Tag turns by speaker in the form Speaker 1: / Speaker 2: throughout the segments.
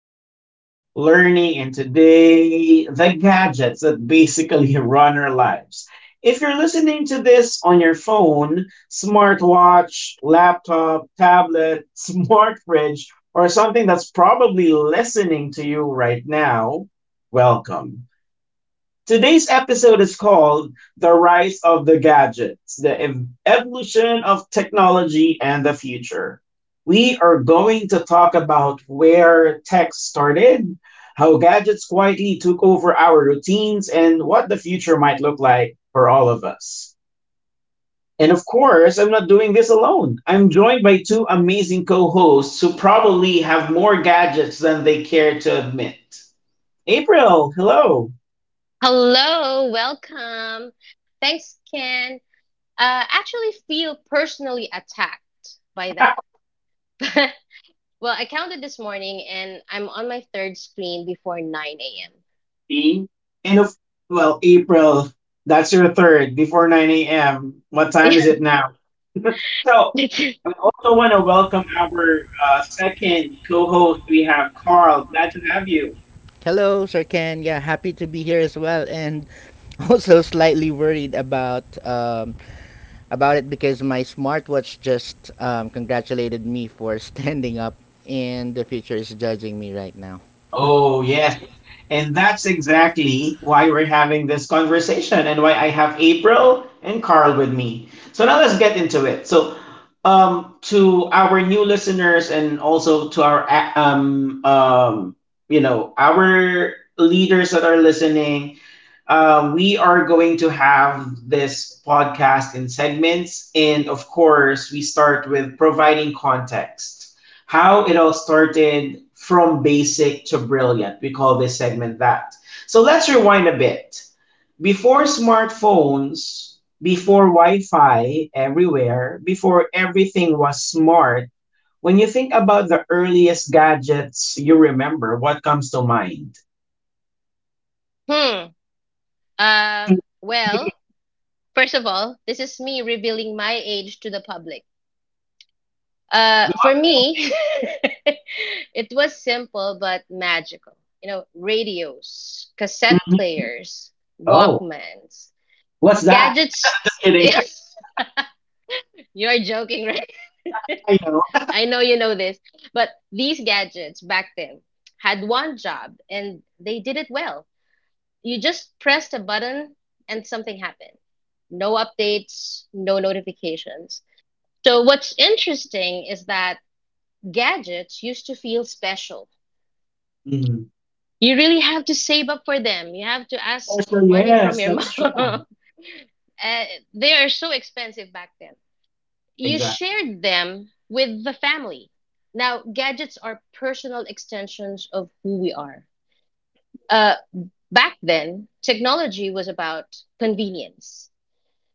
Speaker 1: life, learning, and today the gadgets that basically run our lives. If you're listening to this on your phone, smartwatch, laptop, tablet, smart fridge, or something that's probably listening to you right now, welcome. Today's episode is called The Rise of the Gadgets, the Evolution of Technology and the Future. We are going to talk about where tech started, how gadgets quietly took over our routines, and what the future might look like for all of us. And of course, I'm not doing this alone. I'm joined by two amazing co hosts who probably have more gadgets than they care to admit. April, hello.
Speaker 2: Hello, welcome. Thanks, Ken. Actually, feel personally attacked by that. well, I counted this morning, and I'm on my third screen before 9
Speaker 1: E. End of well, April. That's your third before 9 a.m. What time is it now? So
Speaker 2: a.m.
Speaker 1: I also want to welcome our second co-host. We have Carl. Glad to have you.
Speaker 3: Hello, Sir Ken. Yeah, happy to be here as well, and also slightly worried about it because my smartwatch just congratulated me for standing up, and the future is judging me right now.
Speaker 1: Oh yes. And that's exactly why we're having this conversation and why I have April and Carl with me. So now let's get into it. So, to our new listeners and also to our you know our leaders that are listening, we are going to have this podcast in segments, and of course, we start with providing context how it all started from basic to brilliant. We call this segment that. So let's rewind a bit. Before smartphones, before Wi Fi everywhere, before everything was smart, when you think about the earliest gadgets you remember, what comes to mind?
Speaker 2: hmm. Um.
Speaker 1: Hmm.
Speaker 2: well, First of all, this is me revealing my age to the public.
Speaker 1: Go
Speaker 2: For
Speaker 1: up.
Speaker 2: me,
Speaker 1: Emily.
Speaker 2: it was simple but magical. You know, radios, cassette
Speaker 1: Mhm.
Speaker 2: players,
Speaker 1: Oh,
Speaker 2: Walkmans.
Speaker 1: what's that? I'm
Speaker 2: Gadgets.
Speaker 1: just kidding.
Speaker 2: Yes, you're joking, right?
Speaker 1: Yeah, I know.
Speaker 2: I know you know this. But these gadgets back then had one job and they did it well. You just pressed a button and something happened. No updates, no notifications. So, what's interesting is that gadgets used to feel special.
Speaker 1: Mhm.
Speaker 2: You really have to save up for them, you have to ask
Speaker 1: Also,
Speaker 2: money from
Speaker 1: yes,
Speaker 2: your
Speaker 1: that's true.
Speaker 2: mom. Uh, they are so expensive back then. You
Speaker 1: Exactly.
Speaker 2: shared them with the family. Now, gadgets are personal extensions of who we are. Uh, Back then, technology was about convenience.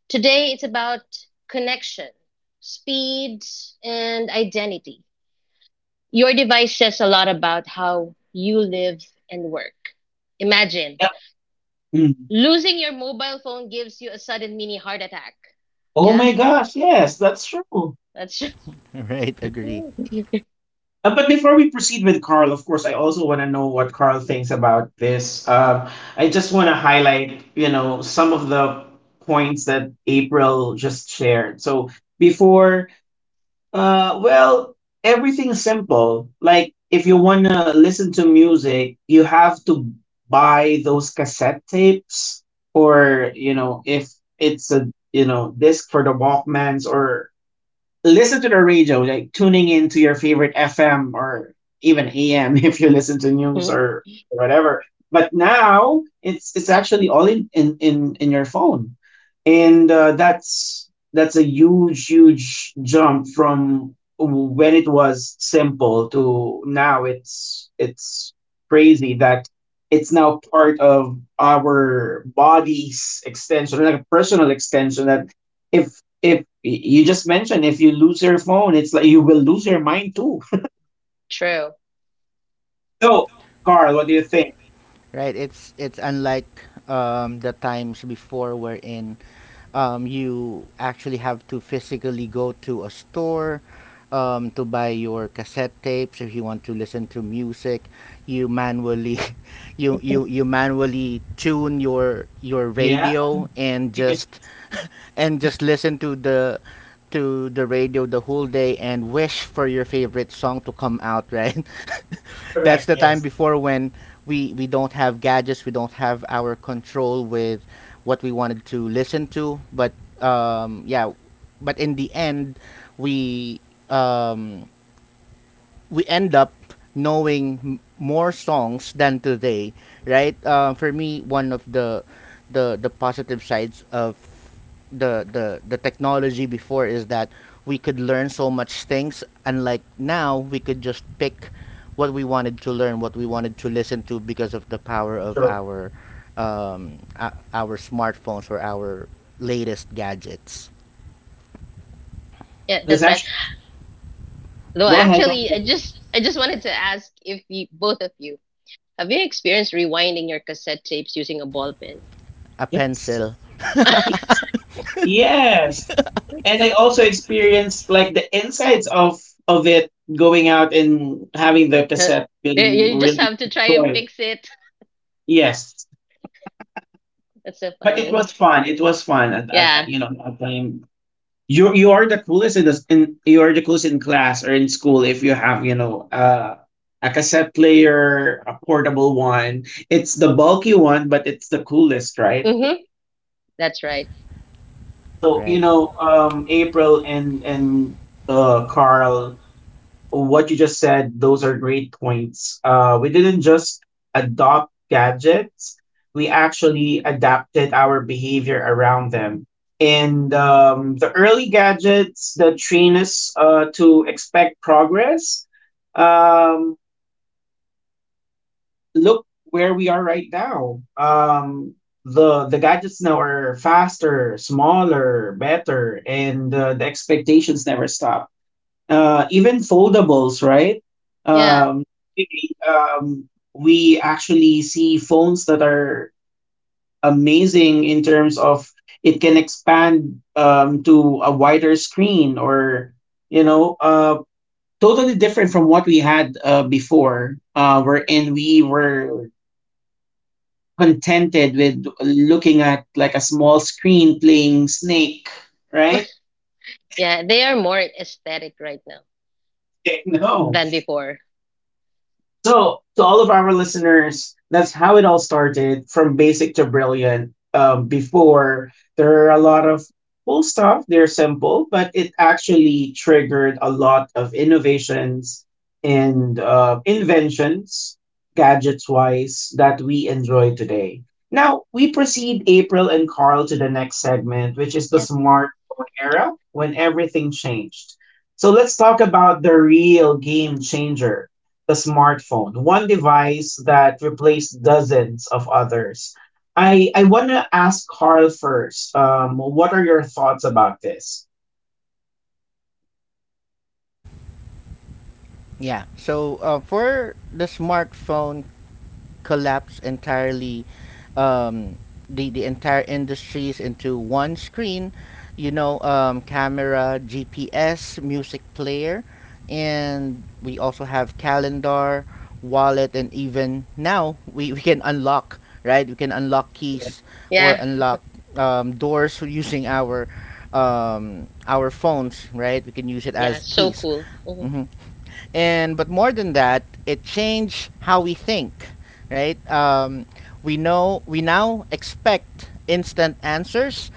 Speaker 2: Today, it's about connection, speed, and identity. Your device says a lot about how you live and work. Imagine
Speaker 1: Yep. Mm.
Speaker 2: losing your mobile phone gives you a sudden mini heart attack.
Speaker 1: Oh
Speaker 2: Yeah,
Speaker 1: my gosh, yes, that's true.
Speaker 2: that's
Speaker 3: Right, agree.
Speaker 1: But before we proceed with Carl, of course, I also want to know what Carl thinks about this. I just want to highlight, you know, some of the points that April just shared. So before, well, everything's simple. Like if you want to listen to music, you have to buy those cassette tapes, or you know, if it's a you know disc for the Walkmans or listen to the radio, like tuning into your favorite FM or even AM if you listen to news or whatever. But now it's actually all in your phone, and that's a huge jump from when it was simple to now it's crazy that it's now part of our body's extension like a personal extension that if you just mentioned if you lose your phone, it's like you will lose your mind too.
Speaker 2: true.
Speaker 1: So, Carl, what do you think?
Speaker 3: Right, it's unlike the times before we're in. You actually have to physically go to a store to buy your cassette tapes if you want to listen to music. You manually you, you you manually tune your
Speaker 1: Yeah,
Speaker 3: radio
Speaker 1: yeah
Speaker 3: and just listen to the radio the whole day and wish for your favorite song to come out, right? That's
Speaker 1: correct.
Speaker 3: the time
Speaker 1: Yes,
Speaker 3: before when we don't have gadgets, we don't have our control with what we wanted to listen to. Um, yeah, but in the end, we um, we end up knowing more songs than today, right? For me, one of the positive sides of the technology before is that we could learn so much things, and like now we could just pick what we wanted to learn, what we wanted to listen to because of the power of
Speaker 1: true.
Speaker 3: our our smartphones or our latest gadgets.
Speaker 2: Yeah,
Speaker 1: Let's
Speaker 2: that's right.
Speaker 1: actually
Speaker 2: Though
Speaker 1: go ahead. Go
Speaker 2: actually, I
Speaker 1: ahead.
Speaker 2: just I just wanted to ask if you both of you have you experienced rewinding your cassette tapes using a ball pen?
Speaker 3: A
Speaker 1: Yes,
Speaker 3: pencil,
Speaker 1: y- yes. And I also experienced like the insides of it going out and having the
Speaker 2: you
Speaker 1: cassette being
Speaker 2: you just
Speaker 1: really
Speaker 2: have to try and
Speaker 1: destroyed.
Speaker 2: fix it.
Speaker 1: Yes,
Speaker 2: That's so
Speaker 1: but it was
Speaker 2: funny.
Speaker 1: fun. It was fun
Speaker 2: Yeah.
Speaker 1: you know at time you are the coolest in you are the coolest in class or in school if you have you know a cassette player a portable one it's the bulky one but it's the coolest right
Speaker 2: Mm-hmm. That's right.
Speaker 1: so you
Speaker 3: right?
Speaker 1: know April and Carl what you just said, those are great points. We didn't just adopt gadgets, we actually adapted our behavior around them. And the early gadgets that train us to expect progress, um, look where we are right now. The gadgets now are faster, smaller, better, and the expectations never stop even foldables, right?
Speaker 2: Yeah.
Speaker 1: Um, we actually see phones that are amazing in terms of it can expand to a wider screen or, you know, totally different from what we had before, wherein we were contented with looking at like a small screen playing Snake, right?
Speaker 2: Yeah. They are more aesthetic right now
Speaker 1: No,
Speaker 2: than before.
Speaker 1: so, to all of our listeners, that's how it all started from basic to brilliant. Before, there are a lot of cool stuff, they're simple, but it actually triggered a lot of innovations and inventions, gadgets wise, that we enjoy today. Now, we proceed, April and Carl, to the next segment, which is the
Speaker 2: Yeah.
Speaker 1: smartphone era when everything changed. So, let's talk about the real game changer the smartphone, one device that replaced dozens of others. I want to ask Carl first. What are your thoughts about this?
Speaker 3: Yeah. So for the smartphone collapse entirely, um, the entire industries into one screen. You know, camera, GPS, music player, and we also have calendar, wallet, and even now we can unlock. Right, we can unlock keys or
Speaker 2: Yeah.
Speaker 3: unlock doors using our phones, right? We can use it
Speaker 2: Yeah.
Speaker 3: as
Speaker 2: So
Speaker 3: keys.
Speaker 2: cool. Mhm.
Speaker 3: Mm-hmm. And but more than that, it changed how we think, right? We know we now expect instant answers,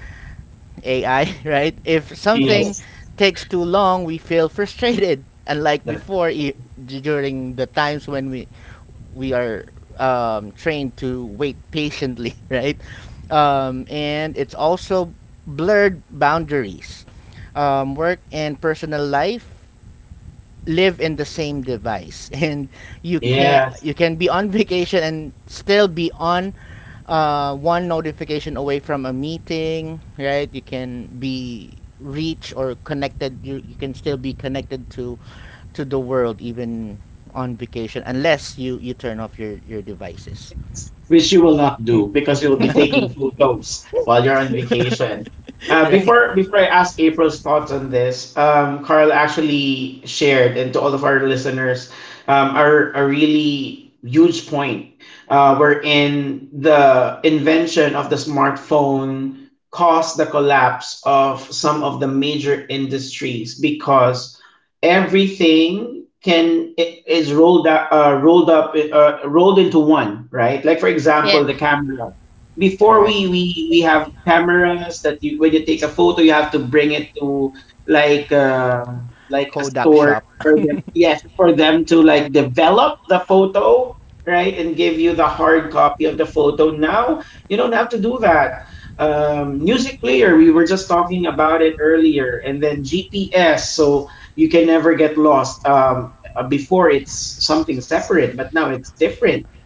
Speaker 3: AI. Right, if something
Speaker 1: Yes.
Speaker 3: takes too long, we feel frustrated. Unlike before, during the times when we are trained to wait patiently. Right, and it's also blurred boundaries, work and personal life live in the same device. And
Speaker 1: Yeah,
Speaker 3: you can be on vacation and still be on one notification away from a meeting. Right, you can be reach or connected. You can still be connected to the world even on vacation unless you you turn off your devices.
Speaker 1: which you will not do because you'll be taking photos while you're on vacation.
Speaker 3: Right.
Speaker 1: Before I ask April's thoughts on this, Carl actually shared and to all of our listeners are a really huge point wherein the invention of the smartphone caused the collapse of some of the major industries because everything can is rolled up, rolled into one, right? Like for example,
Speaker 2: yeah.
Speaker 1: the camera. Before
Speaker 3: Correct.
Speaker 1: we we have cameras that you, when you take a photo, you have to bring it to like a
Speaker 3: Kodak
Speaker 1: store
Speaker 3: shop.
Speaker 1: for them. Yes, for them
Speaker 3: Yeah.
Speaker 1: to
Speaker 3: To
Speaker 1: like
Speaker 3: like
Speaker 1: develop the
Speaker 3: develop the
Speaker 1: photo,
Speaker 3: photo,
Speaker 1: right, and give
Speaker 3: they
Speaker 1: you
Speaker 3: give
Speaker 1: the
Speaker 3: you the
Speaker 1: hard
Speaker 3: hard
Speaker 1: copy of the
Speaker 3: copy of the
Speaker 1: photo.
Speaker 3: photo
Speaker 1: Now
Speaker 3: now.
Speaker 1: you don't
Speaker 3: They
Speaker 1: have to
Speaker 3: don't have
Speaker 1: do
Speaker 3: to do
Speaker 1: that.
Speaker 3: that.
Speaker 1: Music
Speaker 3: Using
Speaker 1: player, we
Speaker 3: paper,
Speaker 1: were just
Speaker 3: we're just
Speaker 1: talking
Speaker 3: talking
Speaker 1: about
Speaker 3: it
Speaker 1: it earlier,
Speaker 3: earlier
Speaker 1: and then
Speaker 3: in the
Speaker 1: GPS. So
Speaker 3: GPS, so
Speaker 1: you can
Speaker 3: you
Speaker 1: never
Speaker 3: can
Speaker 1: get
Speaker 3: never get
Speaker 1: lost.
Speaker 3: lost.
Speaker 1: Before it's
Speaker 3: Before it's
Speaker 1: something
Speaker 3: something
Speaker 1: separate, but now
Speaker 3: different
Speaker 1: it's
Speaker 3: now. It's
Speaker 1: different.
Speaker 3: different.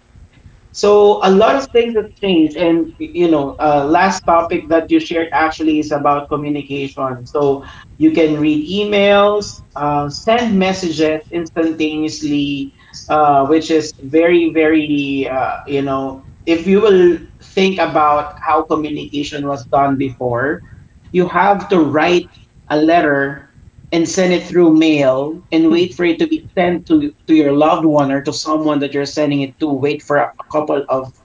Speaker 3: So
Speaker 1: So a lot
Speaker 3: a
Speaker 1: of
Speaker 3: lot of
Speaker 1: things have
Speaker 3: things,
Speaker 1: changed, and
Speaker 3: including
Speaker 1: you know,
Speaker 3: you know,
Speaker 1: last
Speaker 3: last
Speaker 1: topic
Speaker 3: month,
Speaker 1: that you
Speaker 3: that
Speaker 1: shared
Speaker 3: you should
Speaker 1: actually
Speaker 3: ask
Speaker 1: is
Speaker 3: me
Speaker 1: about
Speaker 3: about.
Speaker 1: communication. So you can read emails, send messages instantaneously, which is very, very, you know, if you will think about how communication was done before, you have to write a letter and send it through mail and
Speaker 3: Hmm.
Speaker 1: wait for it to be sent to your loved one or to someone that you're sending it to wait for a couple of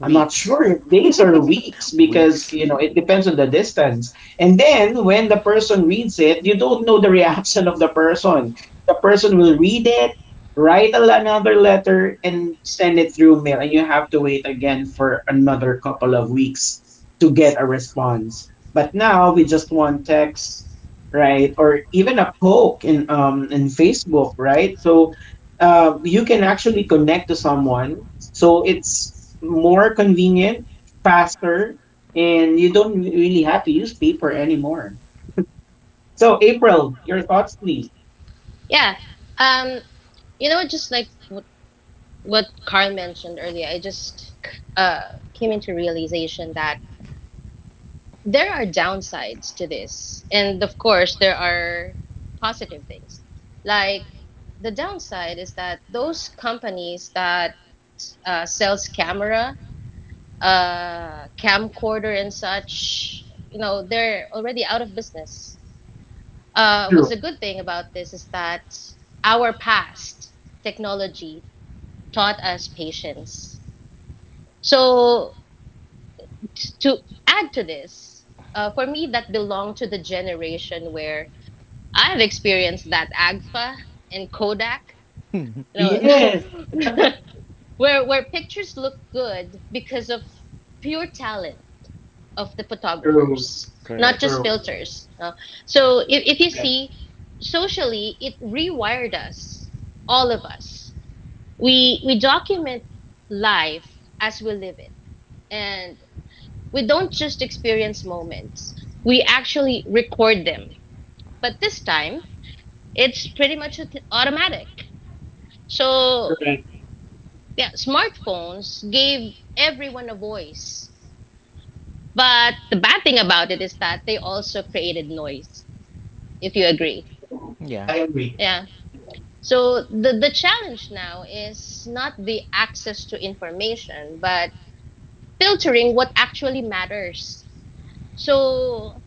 Speaker 1: I'm not sure if days or weeks because
Speaker 3: Weeks.
Speaker 1: you know it depends on the distance. And then when the person reads it, you don't know the reaction of the person. The person will read it, write another letter, and send it through mail, and you have to wait again for another couple of weeks to get a response. But now we just want text, right? Or even a poke in Facebook, right? So you can actually connect to someone. So it's more convenient, faster, and you don't really have to use paper anymore. So, April, your thoughts, please.
Speaker 2: Yeah. Um, you know, just like what Carl mentioned earlier, I just uh, came into realization that there are downsides to this, and of course there are positive things. Like the downside is that those companies that sells camera, camcorder, and such, you know, they're already out of business.
Speaker 1: True.
Speaker 2: What's a good thing about this is that our past technology taught us patience. So to add to this, for me, that belonged to the generation where I've experienced that AGFA and Kodak,
Speaker 3: Mhm.
Speaker 2: you know,
Speaker 1: Yes.
Speaker 2: where pictures look good because of pure talent of the
Speaker 1: True.
Speaker 2: photographers, not
Speaker 3: Correct.
Speaker 2: just
Speaker 1: True.
Speaker 2: filters. uh. So if you
Speaker 1: Correct.
Speaker 2: see, socially, it rewired us, all of us. We document life as we live it, and we don't just experience moments, we actually record them. But this time, it's pretty much automatic. So,
Speaker 1: Correct.
Speaker 2: yeah, smartphones gave everyone a voice. But the bad thing about it is that they also created noise, if you agree.
Speaker 3: Yeah.
Speaker 1: I agree.
Speaker 2: Yeah. So the challenge now is not the access to information, but filtering what actually matters. So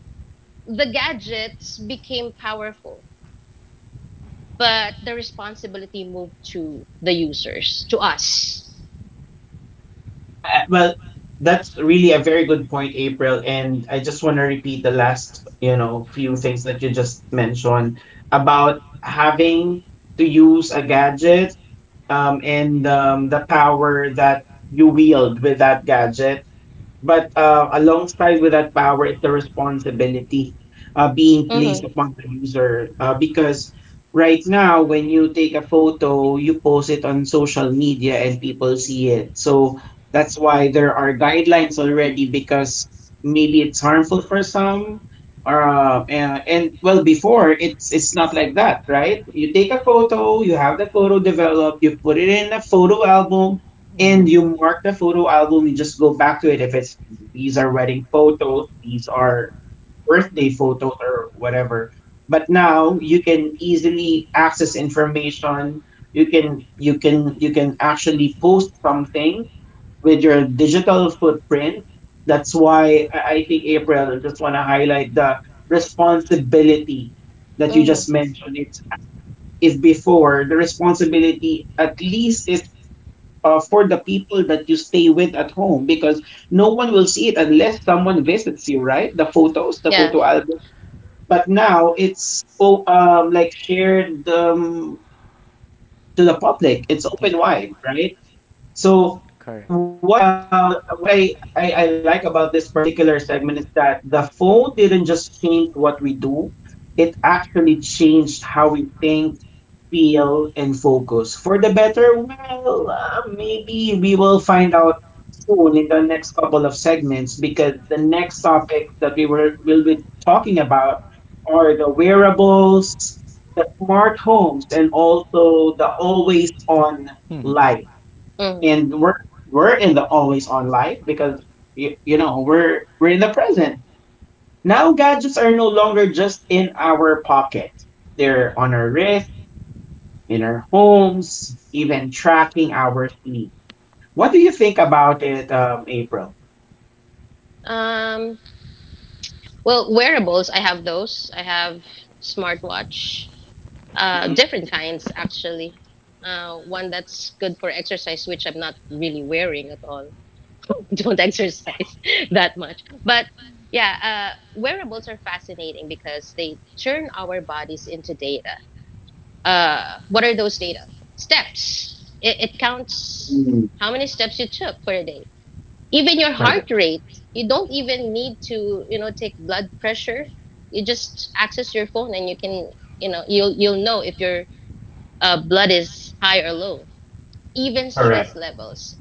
Speaker 2: the gadgets became powerful, but the responsibility moved to the users, to us.
Speaker 1: Well, that's really a very good point, April. And I just want to repeat the last, you know, few things that you just mentioned about having to use a gadget and the power that you wield with that gadget but alongside with that power is the responsibility being placed
Speaker 2: Mm-hmm.
Speaker 1: upon the user. Because right now, when you take a photo, you post it on social media and people see it. So that's why there are guidelines already because maybe it's harmful for some. Or, and well, before it's not like that, right? You take a photo, you have the photo developed, you put it in a photo album,
Speaker 3: Mm-hmm.
Speaker 1: and you mark the photo album you just go back to it if it's these are wedding photos these are birthday photos or whatever but now you can easily access information you can you can actually post something with your digital footprint that's why I think april I just want to highlight the responsibility that you just
Speaker 2: Mm-hmm.
Speaker 1: mentioned it's if before the responsibility at least is for the people that you stay with at home because no one will see it unless someone visits you, right? The photos, the
Speaker 2: Yeah.
Speaker 1: photo album. But now it's oh, like shared to the public. It's open
Speaker 3: Yeah,
Speaker 1: wide, right? So
Speaker 3: correct.
Speaker 1: what I, like about this particular segment is that the phone didn't just change what we do, it actually changed how we think, feel, and focus. For the better, well, maybe we will find out soon in the next couple of segments because the next topic that we were will be talking about are the wearables, the smart homes, and also the always on
Speaker 3: Hmm.
Speaker 1: life
Speaker 2: Mm.
Speaker 1: and we're in the always on life because you know we're in the present now gadgets are no longer just in our pocket they're on our wrist in our homes even tracking our feet what do you think about it april
Speaker 2: Um. Well, wearables. I have those. I have smartwatch. Different kinds actually. One that's good for exercise, which I'm not really wearing at all. Don't exercise that much. But yeah, wearables are fascinating because they turn our bodies into data. What are those data? Steps. It counts
Speaker 1: Mm,
Speaker 2: how many steps you took for a day. Even your heart
Speaker 1: correct
Speaker 2: rate. You don't even need to, you know, take blood pressure. You just access your phone and you can, you know, you'll know if your blood is high or low. Even stress
Speaker 1: correct
Speaker 2: levels.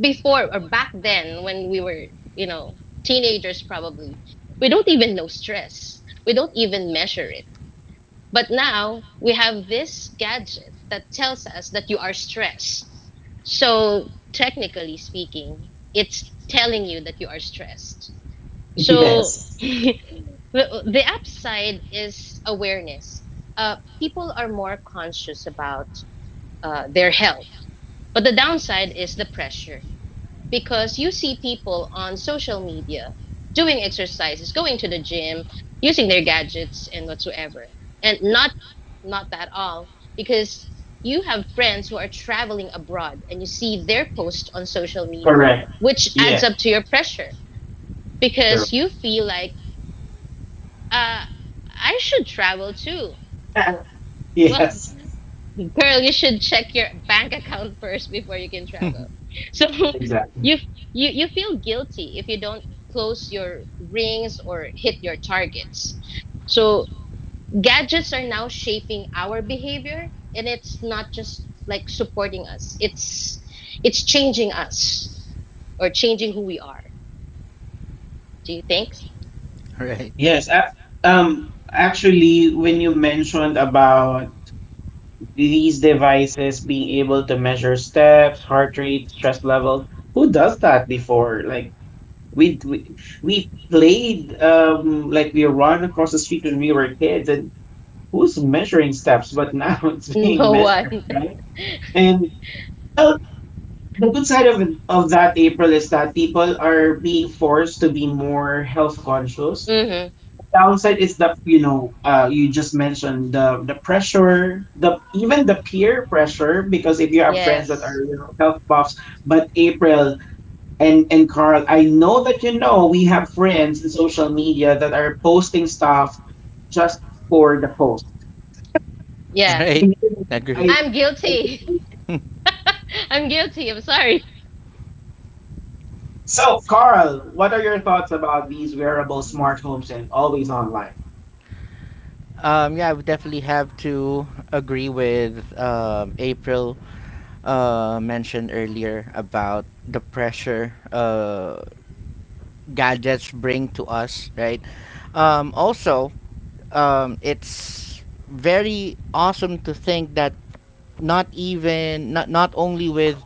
Speaker 2: Before or back then, when we were, you know, teenagers, probably we don't even know stress. We don't even measure it, but now we have this gadget that tells us that you are stressed. So, technically speaking, it's telling you that you are stressed. So,
Speaker 1: yes
Speaker 2: the upside is awareness. People are more conscious about their health, but the downside is the pressure because you see people on social media doing exercises, going to the gym, using their gadgets and whatsoever. And not not that all because you have friends who are traveling abroad and you see their posts on social media,
Speaker 1: correct
Speaker 2: which adds
Speaker 1: yes
Speaker 2: up to your pressure
Speaker 1: sure
Speaker 2: because you feel like uh I should travel too. Well,
Speaker 1: yes
Speaker 2: girl, you should check your bank account first before you can travel. So
Speaker 1: exactly
Speaker 2: you you you feel guilty if you don't close your rings or hit your targets. So gadgets are now shaping our behavior, and it's not just like supporting us. It's changing us or changing who we are. Do you think?
Speaker 3: Right.
Speaker 1: yes actually when you mentioned about these devices being able to measure steps, heart rate, stress levels. Who does that before? Like we we, we played like we run across the street when we were kids, and who's measuring steps? But now it's being
Speaker 2: No
Speaker 1: measured,
Speaker 2: one.
Speaker 1: right? And well, the good side of that, April, is that people are being forced to be more health conscious.
Speaker 2: hmm.
Speaker 1: Downside is that you just mentioned the pressure, the even the peer pressure, because if you have friends that are,
Speaker 2: Yes.
Speaker 1: you know, health buffs. But April and Carl, I know that, you know, we have friends in social media that are posting stuff just for the post.
Speaker 2: Yeah.
Speaker 3: Right, agree.
Speaker 1: I,
Speaker 2: I'm
Speaker 1: I
Speaker 2: guilty.
Speaker 1: think-
Speaker 2: I'm guilty. I'm sorry.
Speaker 1: so Carl, what are your thoughts about these wearable smart homes and always on life?
Speaker 3: Yeah, I would definitely have to agree with April mentioned earlier about the pressure gadgets bring to us, right? Also, it's very awesome to think that not even not not only with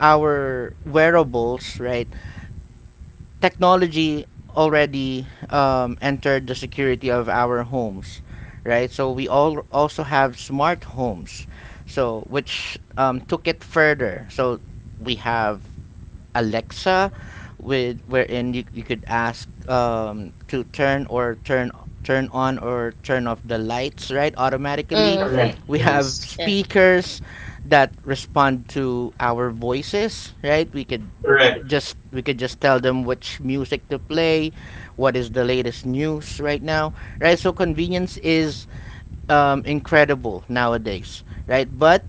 Speaker 3: our wearables, right? Technology already entered the security of our homes, right? So we all also have smart homes, so which took it further. So we have Alexa, with wherein you could ask to turn or turn turn on or turn off the lights, right? Automatically,
Speaker 2: Mm.
Speaker 1: Correct,
Speaker 3: we have
Speaker 1: yes.
Speaker 2: Yeah.
Speaker 3: speakers that respond to our voices, right? We could
Speaker 1: Correct.
Speaker 3: just we could just tell them which music to play, what is the latest news right now, right? So convenience is incredible nowadays, right? But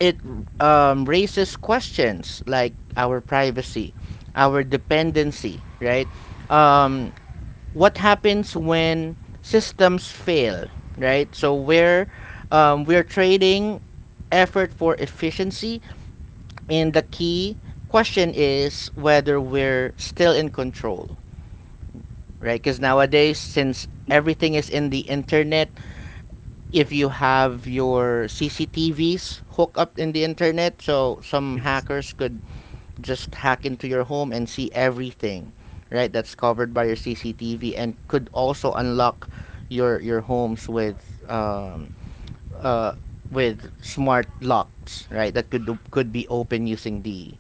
Speaker 3: it raises questions like our privacy, our dependency, right? Um, what happens when systems fail, right? So we're trading effort for efficiency, and the key question is whether we're still in control, right? Because nowadays, since everything is in the internet, if you have your CCTVs hooked up in the internet, so some hackers could just hack into your home and see everything, right? That's covered by your CCTV and could also unlock your homes um, uh, with smart locks, right? That could be open using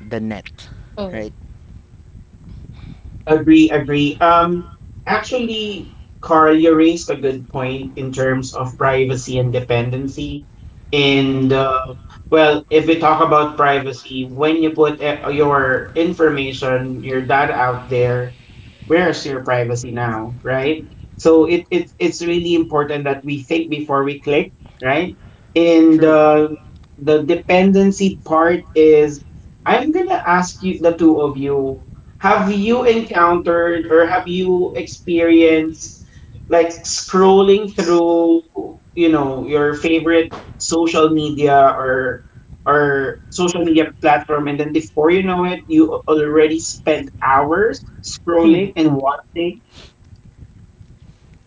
Speaker 3: the net,
Speaker 2: Mm.
Speaker 3: right?
Speaker 1: Agree, agree. Actually, Carl, you raised a good point in terms of privacy and dependency.
Speaker 3: Mm-hmm.
Speaker 1: And if we talk about privacy, when you put your information, your data out there, where's your privacy now, right? So it's really important that we think before we click, right? And
Speaker 3: True.
Speaker 1: the dependency part is, I'm gonna ask you, the two of you. Have you encountered or have you experienced like scrolling through, you know, your favorite social media, or social media platform, and then before you know it, already spent hours scrolling and watching?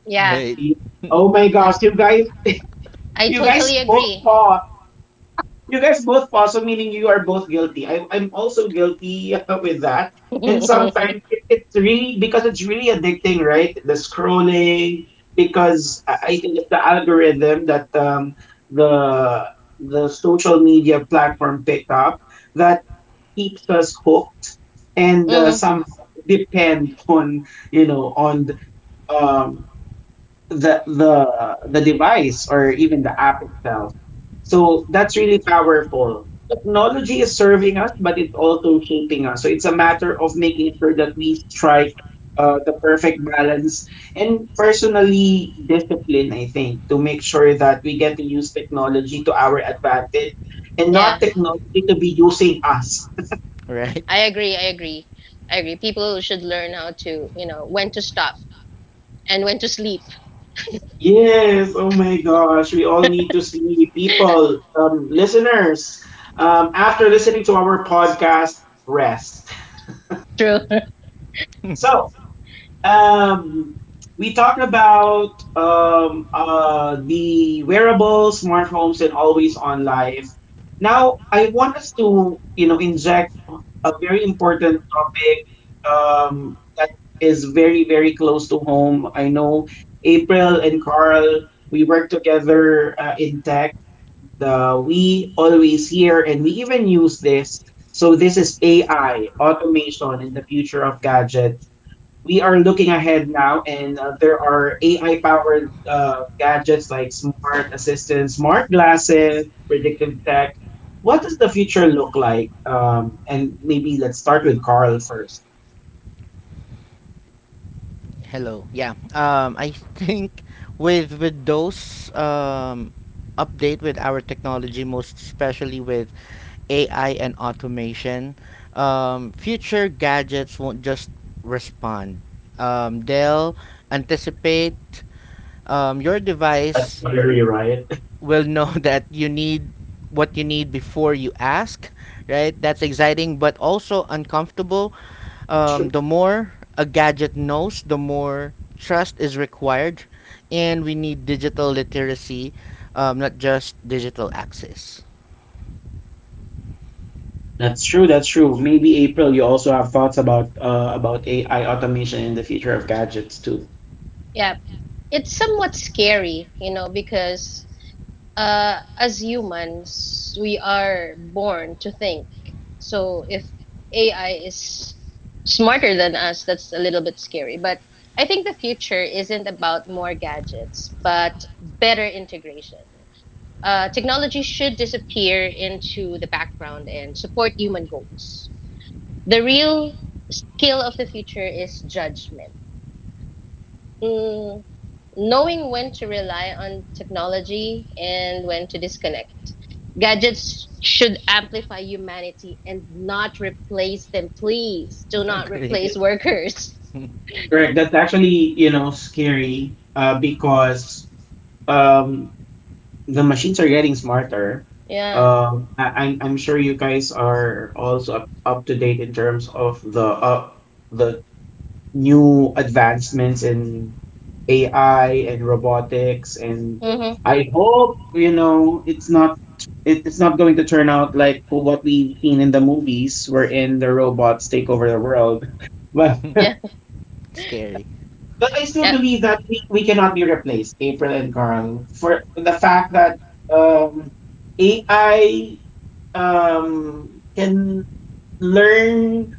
Speaker 2: Yeah,
Speaker 3: Hey.
Speaker 1: the- Oh my
Speaker 2: I,
Speaker 1: gosh,
Speaker 2: I
Speaker 1: you guys
Speaker 2: totally
Speaker 1: both
Speaker 2: agree.
Speaker 1: paused. You guys both, also meaning you are both guilty. I'm also guilty with that. And sometimes it's really, because it's really addicting, right? The scrolling, because I think it's the algorithm that the the social media platform picked up that keeps us hooked and
Speaker 2: Mm,
Speaker 1: somehow depend on, you know, on um, the the the device or even the app itself. So that's really powerful. Technology is serving us, but it's also shaping us. So it's a matter of making sure that we strike the perfect balance, and personally discipline, I think, to make sure that we get to use technology to our advantage and not
Speaker 2: yeah,
Speaker 1: technology to be using us.
Speaker 3: Right?
Speaker 2: I agree. I agree. I agree. People should learn how to, you know, when to stop and when to sleep.
Speaker 1: Yes, oh my gosh, we all need to sleep. People, listeners, after listening to our podcast, rest.
Speaker 2: True.
Speaker 1: So, um, we talked about the wearables, smart homes, and always on life. Now, I want us to, you know, inject a very important topic that is very very close to home. I know April and Carl. We work together in tech. The We always hear and we even use this. So this is AI, automation, and the future of gadgets. We are looking ahead now, and there are AI powered gadgets like smart assistants, smart glasses, predictive tech. What does the future look like? And maybe let's start with Carl first.
Speaker 3: Hello. Yeah. I think with those update with our technology, most especially with AI and automation, future gadgets won't just respond. They'll anticipate. Your
Speaker 1: That's
Speaker 3: device
Speaker 1: scary, right?
Speaker 3: will know that you need what you need before you ask. Right. That's exciting, but also uncomfortable,
Speaker 1: True.
Speaker 3: the more a gadget knows, the more trust is required, and we need digital literacy, not just digital access.
Speaker 1: That's true. That's true. Maybe April, you also have thoughts about AI automation and the future of gadgets too.
Speaker 2: Yeah, it's somewhat scary, you know, because as humans, we are born to think. So if AI is smarter than us, that's a little bit scary. But I think the future isn't about more gadgets, but better integration. Technology should disappear into the background and support human goals. The real skill of the future is judgment. Mm, knowing when to rely on technology and when to disconnect. Gadgets should amplify humanity and not replace them. Please do not
Speaker 3: Agree.
Speaker 2: replace workers.
Speaker 1: Correct. That's actually, you know, scary because um, the machines are getting smarter.
Speaker 2: Yeah.
Speaker 1: I'm sure you guys are also up to date in terms of the the new advancements in AI and robotics, and
Speaker 2: Mm-hmm.
Speaker 1: I hope, you know, it's not, it's not going to turn out like what we've seen in the movies, wherein the robots take over the world. But
Speaker 2: Yeah.
Speaker 3: Scary,
Speaker 1: but I still
Speaker 2: Yeah.
Speaker 1: believe that we cannot be replaced, April and Carl, for the fact that um, AI can learn,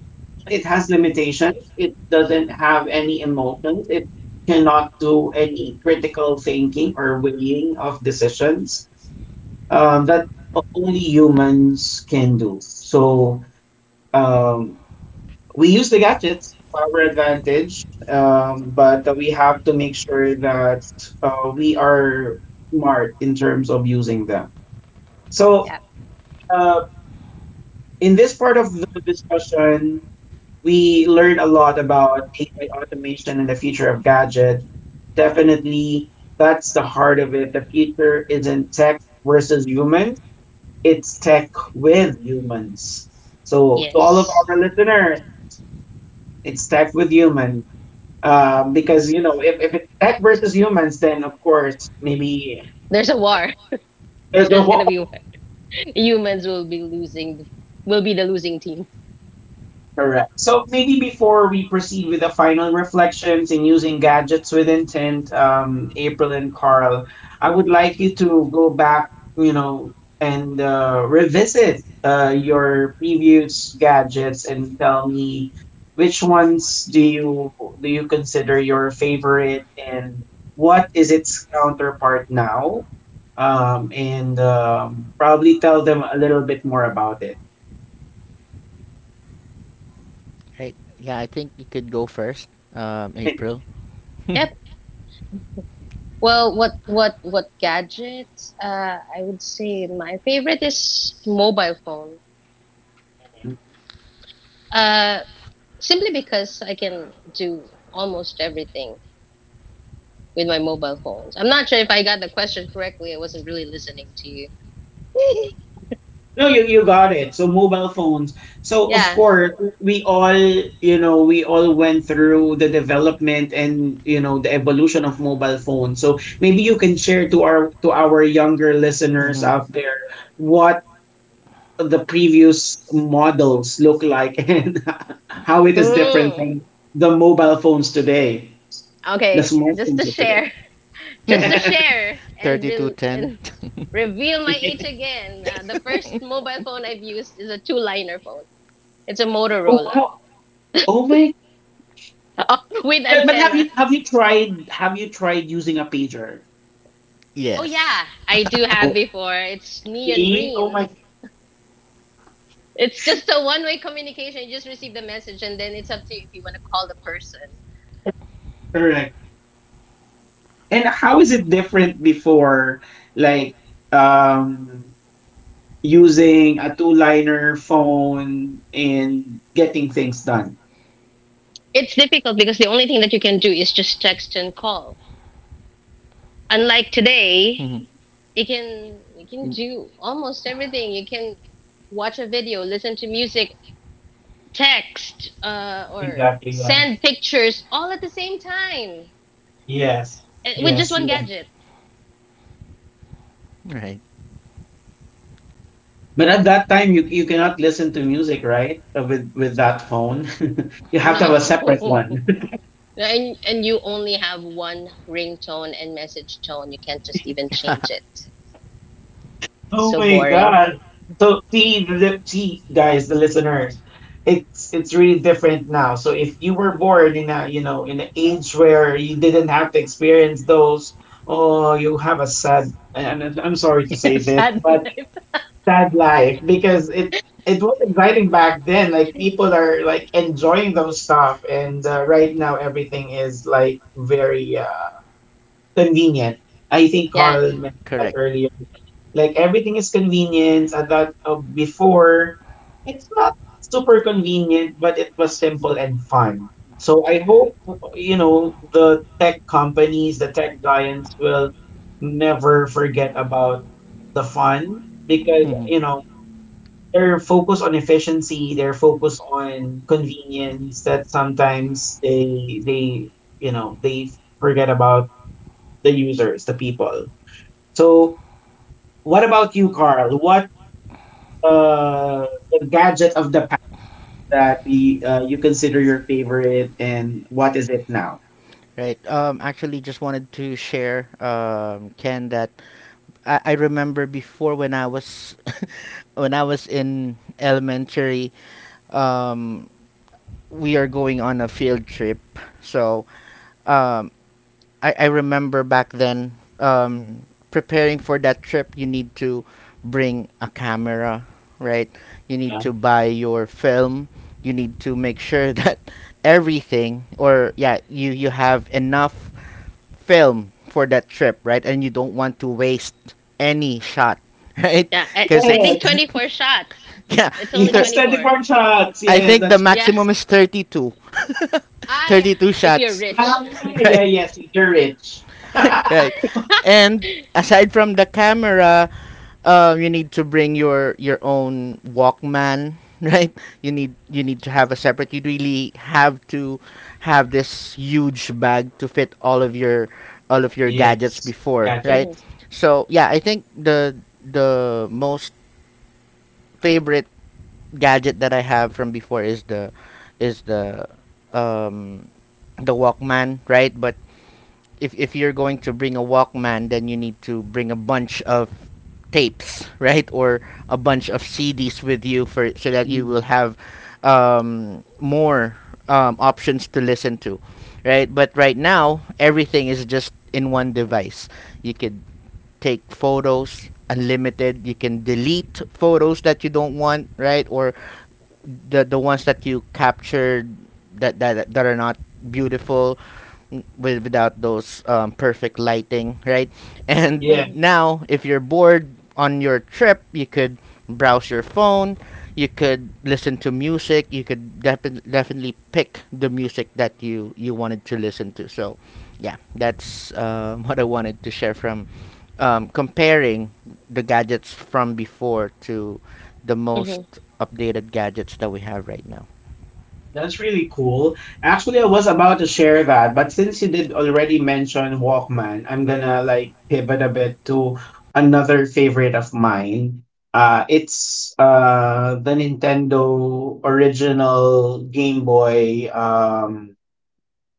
Speaker 1: it has limitations, it doesn't have any emotions, it cannot do any critical thinking or weighing of decisions that only humans can do. So um, we use the gadgets to our advantage, but we have to make sure that we are smart in terms of using them. So,
Speaker 2: Yeah.
Speaker 1: uh, in this part of the discussion, we learn a lot about AI automation and the future of gadgets. Definitely, that's the heart of it. The future isn't tech versus humans, it's tech with humans. So, to all of
Speaker 2: Yes.
Speaker 1: our listeners, it's tech with humans. Because, you know, if it's tech versus humans, then of course maybe
Speaker 2: There's a war.
Speaker 1: there's the
Speaker 2: There's gonna
Speaker 1: whole.
Speaker 2: be war. Humans will be losing. Will be the losing team.
Speaker 1: Correct. So maybe before we proceed with the final reflections in using gadgets with intent, April and Carl, I would like you to go back, you know, and revisit your previous gadgets and tell me which ones do you consider your favorite, and what is its counterpart now? And probably tell them a little bit more about it.
Speaker 3: right? Yeah, I think you could go first, April.
Speaker 2: Yep. Well, what gadget? I would say my favorite is mobile phone. Uh, Simply because I can do almost everything with my mobile phones. I'm not sure if I got the question correctly. I wasn't really listening to you.
Speaker 1: No, you got it. So mobile phones. So of
Speaker 2: Yeah.
Speaker 1: course, we all, you know, we all went through the development and, you know, the evolution of mobile phones. So maybe you can share to our younger listeners
Speaker 3: Mm-hmm.
Speaker 1: out there what the previous models look like and how it is different
Speaker 2: Mm.
Speaker 1: from the mobile phones today, the
Speaker 2: Okay. Just
Speaker 1: smartphones
Speaker 2: to
Speaker 1: of today.
Speaker 2: share, just to share and re
Speaker 3: 3210.
Speaker 2: and reveal my age again. The first mobile phone I've used is a two-liner phone. It's a
Speaker 1: Oh
Speaker 2: Motorola
Speaker 1: wow. Oh my.
Speaker 2: with
Speaker 1: But have
Speaker 2: antenna.
Speaker 1: you have you tried using a pager?
Speaker 2: Oh
Speaker 3: Yes.
Speaker 2: yeah, I do have before. It's neon
Speaker 1: E Oh my
Speaker 2: green. It's just a one-way communication. You just receive the message and then it's up to you if you want to call the person.
Speaker 1: correct. And how is it different before, like, um using a two liner phone and getting things done?
Speaker 2: It's difficult because the only thing that you can do is just text and call. Unlike today,
Speaker 3: Mhm.
Speaker 2: you can
Speaker 3: Mm.
Speaker 2: do almost everything. You can watch a video, listen to music, text, or
Speaker 1: Exactly. Yeah.
Speaker 2: send pictures all at the same time
Speaker 1: Yes.
Speaker 2: eh, with just
Speaker 1: Yes.
Speaker 2: one
Speaker 1: Yeah.
Speaker 2: gadget.
Speaker 3: Right.
Speaker 1: But at that time you you cannot listen to music, right? With that phone. You have to have a separate
Speaker 2: No.
Speaker 1: one.
Speaker 2: And you only have one ringtone and message tone. You can't just even change it.
Speaker 1: Oh
Speaker 2: So
Speaker 1: my
Speaker 2: boring.
Speaker 1: god. So see the see guys, the listeners, it's really different now. So if you were born in a, you know, in an age where you didn't have to experience those, oh you have a sad, and I'm sorry to say this,
Speaker 2: Sad
Speaker 1: but
Speaker 2: life.
Speaker 1: sad life, because it was exciting back then. Like people are like enjoying those stuff, and right now everything is like very convenient. I think
Speaker 2: Yeah,
Speaker 1: Carl mentioned that
Speaker 3: Correct.
Speaker 1: earlier. Like everything is convenient. At that before, it's not super convenient, but it was simple and fun. So I hope, you know, the tech companies, the tech giants will never forget about the fun, because,
Speaker 3: Mhm.
Speaker 1: you know, they're focused on efficiency, they're focused on convenience, that sometimes they, you know, they forget about the users, the people. So, what about you, Carl? What uh, the gadget of the past that we, you consider your favorite, and what is it now?
Speaker 3: Right. Actually, just wanted to share, Ken, that I remember before when I was when I was in elementary, um, we are going on a field trip. So um, I remember back then um, preparing for that trip you need to bring a camera, right? You need
Speaker 1: Yeah.
Speaker 3: to buy your film. You need to make sure that everything, or yeah, you have enough film for that trip, right? And you don't want to waste any shot. Right,
Speaker 2: yeah. I,
Speaker 3: because
Speaker 2: I
Speaker 3: it's.
Speaker 2: think
Speaker 1: Yes,
Speaker 2: 24 shots.
Speaker 3: Yeah,
Speaker 2: It's only
Speaker 3: thir-
Speaker 1: yes, twenty
Speaker 2: 24.
Speaker 1: four shots.
Speaker 3: I
Speaker 1: Yes,
Speaker 3: think the
Speaker 1: that's
Speaker 2: Yeah.
Speaker 3: maximum is 32.
Speaker 2: Ah, yeah.
Speaker 3: 32
Speaker 2: If you're
Speaker 3: shots.
Speaker 2: rich.
Speaker 1: yeah, yeah,
Speaker 3: Right.
Speaker 1: yes. You're rich.
Speaker 3: Right. And aside from the camera, you need to bring your own Walkman. Right, you need to have a separate, you really have to have this huge bag to fit all of your gadgets
Speaker 1: yes,
Speaker 3: before, right?
Speaker 2: hmm
Speaker 1: gadgets.
Speaker 3: So yeah, I think the most favorite gadget that I have from before is um the Walkman, right? But if you're going to bring a Walkman, then you need to bring a bunch of tapes, right, or a bunch of CDs with you for so that you
Speaker 1: Mm.
Speaker 3: will have more options to listen to, right? But right now, everything is just in one device. You could take photos unlimited. You can delete photos that you don't want, right, or the ones that you captured that that that are not beautiful with without those perfect lighting, right? And
Speaker 2: hmm
Speaker 3: now, if you're bored on your trip, you could browse your phone, you could listen to music, you could definitely pick the music that you wanted to listen to. So, yeah, that's what I wanted to share from comparing the gadgets from before to the most
Speaker 2: hmm.
Speaker 3: updated gadgets that we have right now.
Speaker 1: That's really cool. Actually, I was about to share that, but since you did already mention Walkman, I'm gonna like pivot a bit to another favorite of mine. It's the Nintendo original Game Boy,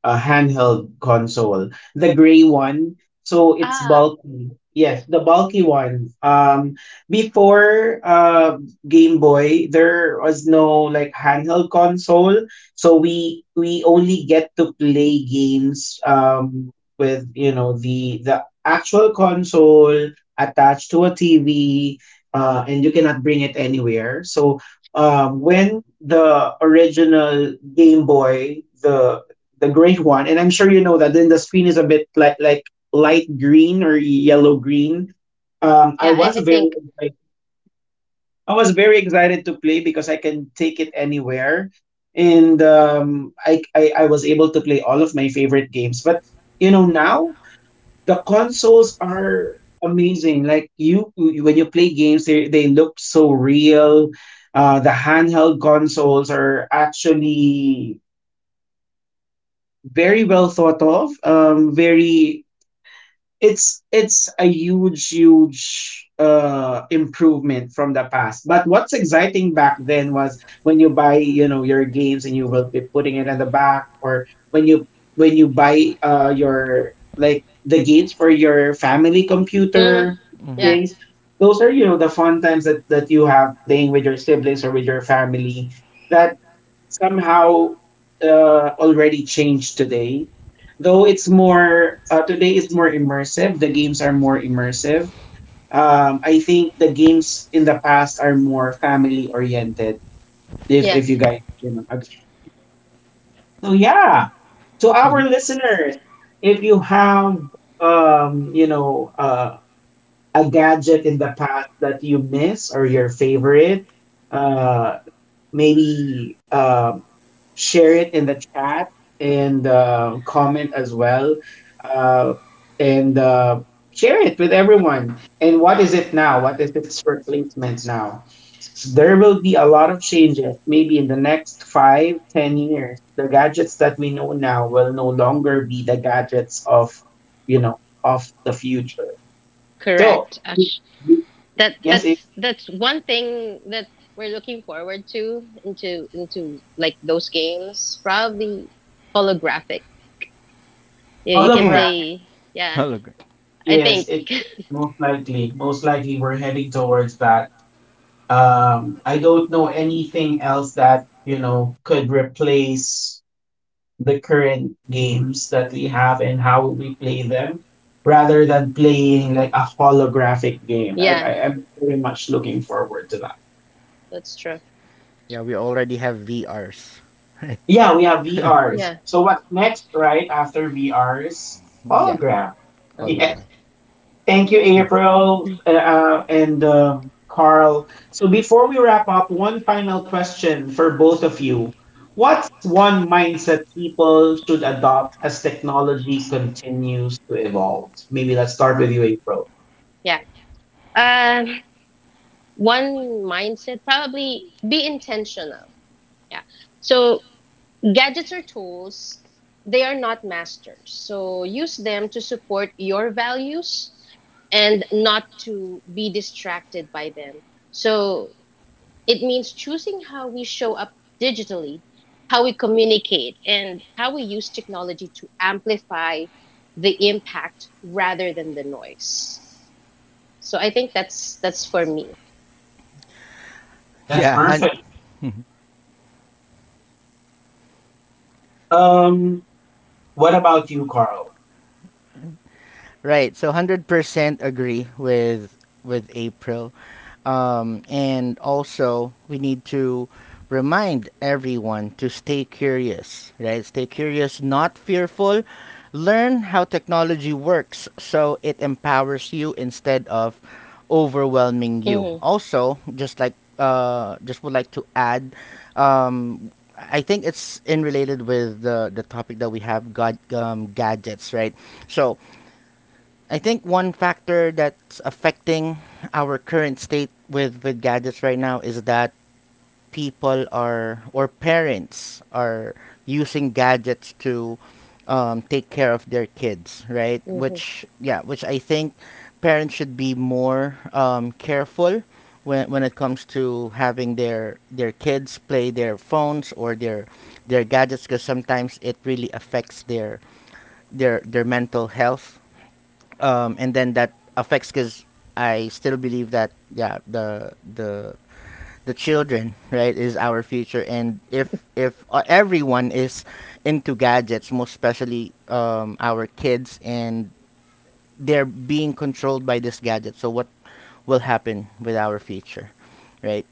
Speaker 1: a handheld console, the gray one. So it's
Speaker 2: Ah,
Speaker 1: bulky. Yes, the bulky one. Before Game Boy, there was no like handheld console, so we only get to play games with, you know, the actual console attached to a TV, and you cannot bring it anywhere. So when the original Game Boy, the gray one, and I'm sure you know that. Then the screen is a bit like light green or yellow green. I
Speaker 2: yeah. I,
Speaker 1: was
Speaker 2: I
Speaker 1: very
Speaker 2: think.
Speaker 1: excited. I was very excited to play because I can take it anywhere, and I was able to play all of my favorite games. But you know now the consoles are amazing. Like you- when you play games, they look so real. The handheld consoles are actually very well thought of. Very, it's a huge huge improvement from the past. But what's exciting back then was when you buy, you know, your games and you will be putting it in the back, or when you buy your like the games for your family
Speaker 2: Mm,
Speaker 1: computer,
Speaker 3: Mm-hmm.
Speaker 2: yeah,
Speaker 1: things, those are, you know, the fun times that that you have playing with your siblings or with your family, that somehow uh, already changed today. Though it's more today is more immersive. The games are more immersive. I think the games in the past are more family oriented.
Speaker 2: yeah.
Speaker 1: If you guys, you know, so yeah. To our
Speaker 3: Mm-hmm.
Speaker 1: listeners, if you have you know a gadget in the past that you miss or your favorite, uh maybe share it in the chat, and comment as well, uh, and share it with everyone, and what is it now, what is its replacement now? So there will be a lot of changes maybe in the next 5, 10 years, the gadgets that we know now will no longer be the gadgets of, you know, of the future. So
Speaker 2: Correct. Ash. that
Speaker 1: yes it,
Speaker 2: that's that's one thing that we're looking forward to into like those games, probably holographic. Yeah, you can
Speaker 1: hologram.
Speaker 2: play. Yeah,
Speaker 3: Hologram.
Speaker 2: i
Speaker 1: Yes,
Speaker 2: think
Speaker 1: it most likely we're heading towards that. I don't know anything else that, you know, could replace the current games that we have and how we play them, rather than playing like a holographic game.
Speaker 2: yeah,
Speaker 1: I'm very much looking forward to that.
Speaker 2: that's true.
Speaker 3: Yeah, we already have VRs. Right?
Speaker 1: Yeah, we have
Speaker 2: Yeah.
Speaker 1: VRs. So what next, right? After VRs,
Speaker 3: Yeah,
Speaker 1: hologram. Yeah.
Speaker 3: hologram.
Speaker 1: Thank
Speaker 2: Uh,
Speaker 1: you, April, and Carl. So before we wrap up, one final question for both of you. What's one mindset people should adopt as technology continues to evolve? Maybe let's start with you, April.
Speaker 2: yeah um One mindset probably be intentional. Yeah, so gadgets or tools, they are not masters, so use them to support your values and not to be distracted by them. So it means choosing how we show up digitally, how we communicate, and how we use technology to amplify the impact rather than the noise. So I think that's for me.
Speaker 1: That's
Speaker 3: Yeah,
Speaker 1: perfect. Um, what about you, Carl?
Speaker 3: Right. So 100% agree with April. And also we need to remind everyone to stay curious, right? Stay curious, not fearful. Learn how technology works so it empowers you instead of overwhelming you.
Speaker 2: Mhm.
Speaker 3: Also, just like just would like to add, um I think it's in related with the topic that we have got, gadgets, right? So I think one factor that's affecting our current state with gadgets right now is that people are or parents are using gadgets to take care of their kids, right? Which yeah, which I think parents should be more careful when it comes to having their kids play their phones or their gadgets because sometimes it really affects their mental health, and then that affects because I still believe that yeah the children right is our future and if everyone is into gadgets, most especially our kids, and they're being controlled by this gadget, so what will happen with our future, right?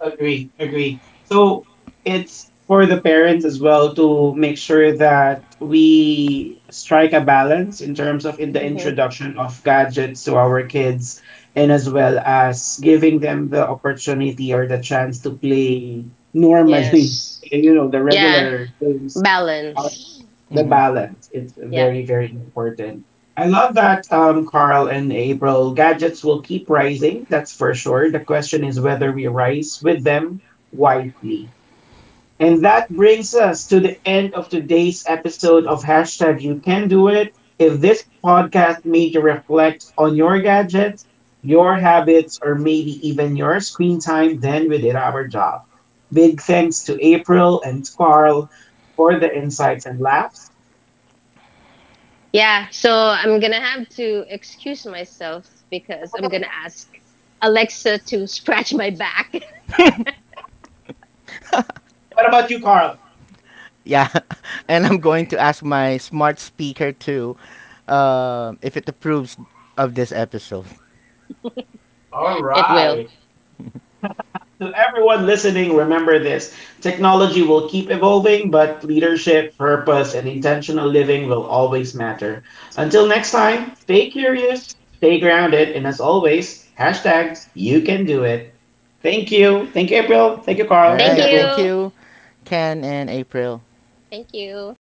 Speaker 1: Agree, agree. So it's for the parents as well to make sure that we strike a balance in terms of in the
Speaker 2: Mm-hmm.
Speaker 1: introduction of gadgets to our kids, and as well as giving them the opportunity or the chance to play normally,
Speaker 2: Yes.
Speaker 1: you know, the
Speaker 2: Yeah.
Speaker 1: regular games. Uh,
Speaker 2: Balance.
Speaker 1: the
Speaker 3: Hmm.
Speaker 1: balance is
Speaker 2: Yep.
Speaker 1: very very important. I love that, Carl and April. Gadgets will keep rising, that's for sure. The question is whether we rise with them wisely, and that brings us to the end of today's episode of hashtag you can do it. If this podcast made you reflect on your gadgets, your habits, or maybe even your screen time, then we did our job. Big thanks to April and Carl for the insights and laughs.
Speaker 2: Yeah. So I'm gonna have to excuse myself because I'm gonna ask Alexa to scratch my back.
Speaker 1: What about you, Carl?
Speaker 3: Yeah. And I'm going to ask my smart speaker to if it approves of this episode.
Speaker 1: All
Speaker 2: It will.
Speaker 1: right. To everyone listening, remember this: technology will keep evolving, but leadership, purpose, and intentional living will always matter. Until next time, stay curious, stay grounded, and as always, hashtag you can do it. Thank you. Thank you, April. Thank you,
Speaker 3: All
Speaker 1: Carl. Thank
Speaker 2: Thank
Speaker 1: you,
Speaker 3: right.
Speaker 1: everyone.
Speaker 3: Thank
Speaker 2: you.
Speaker 3: you, Ken and April.
Speaker 2: Thank you.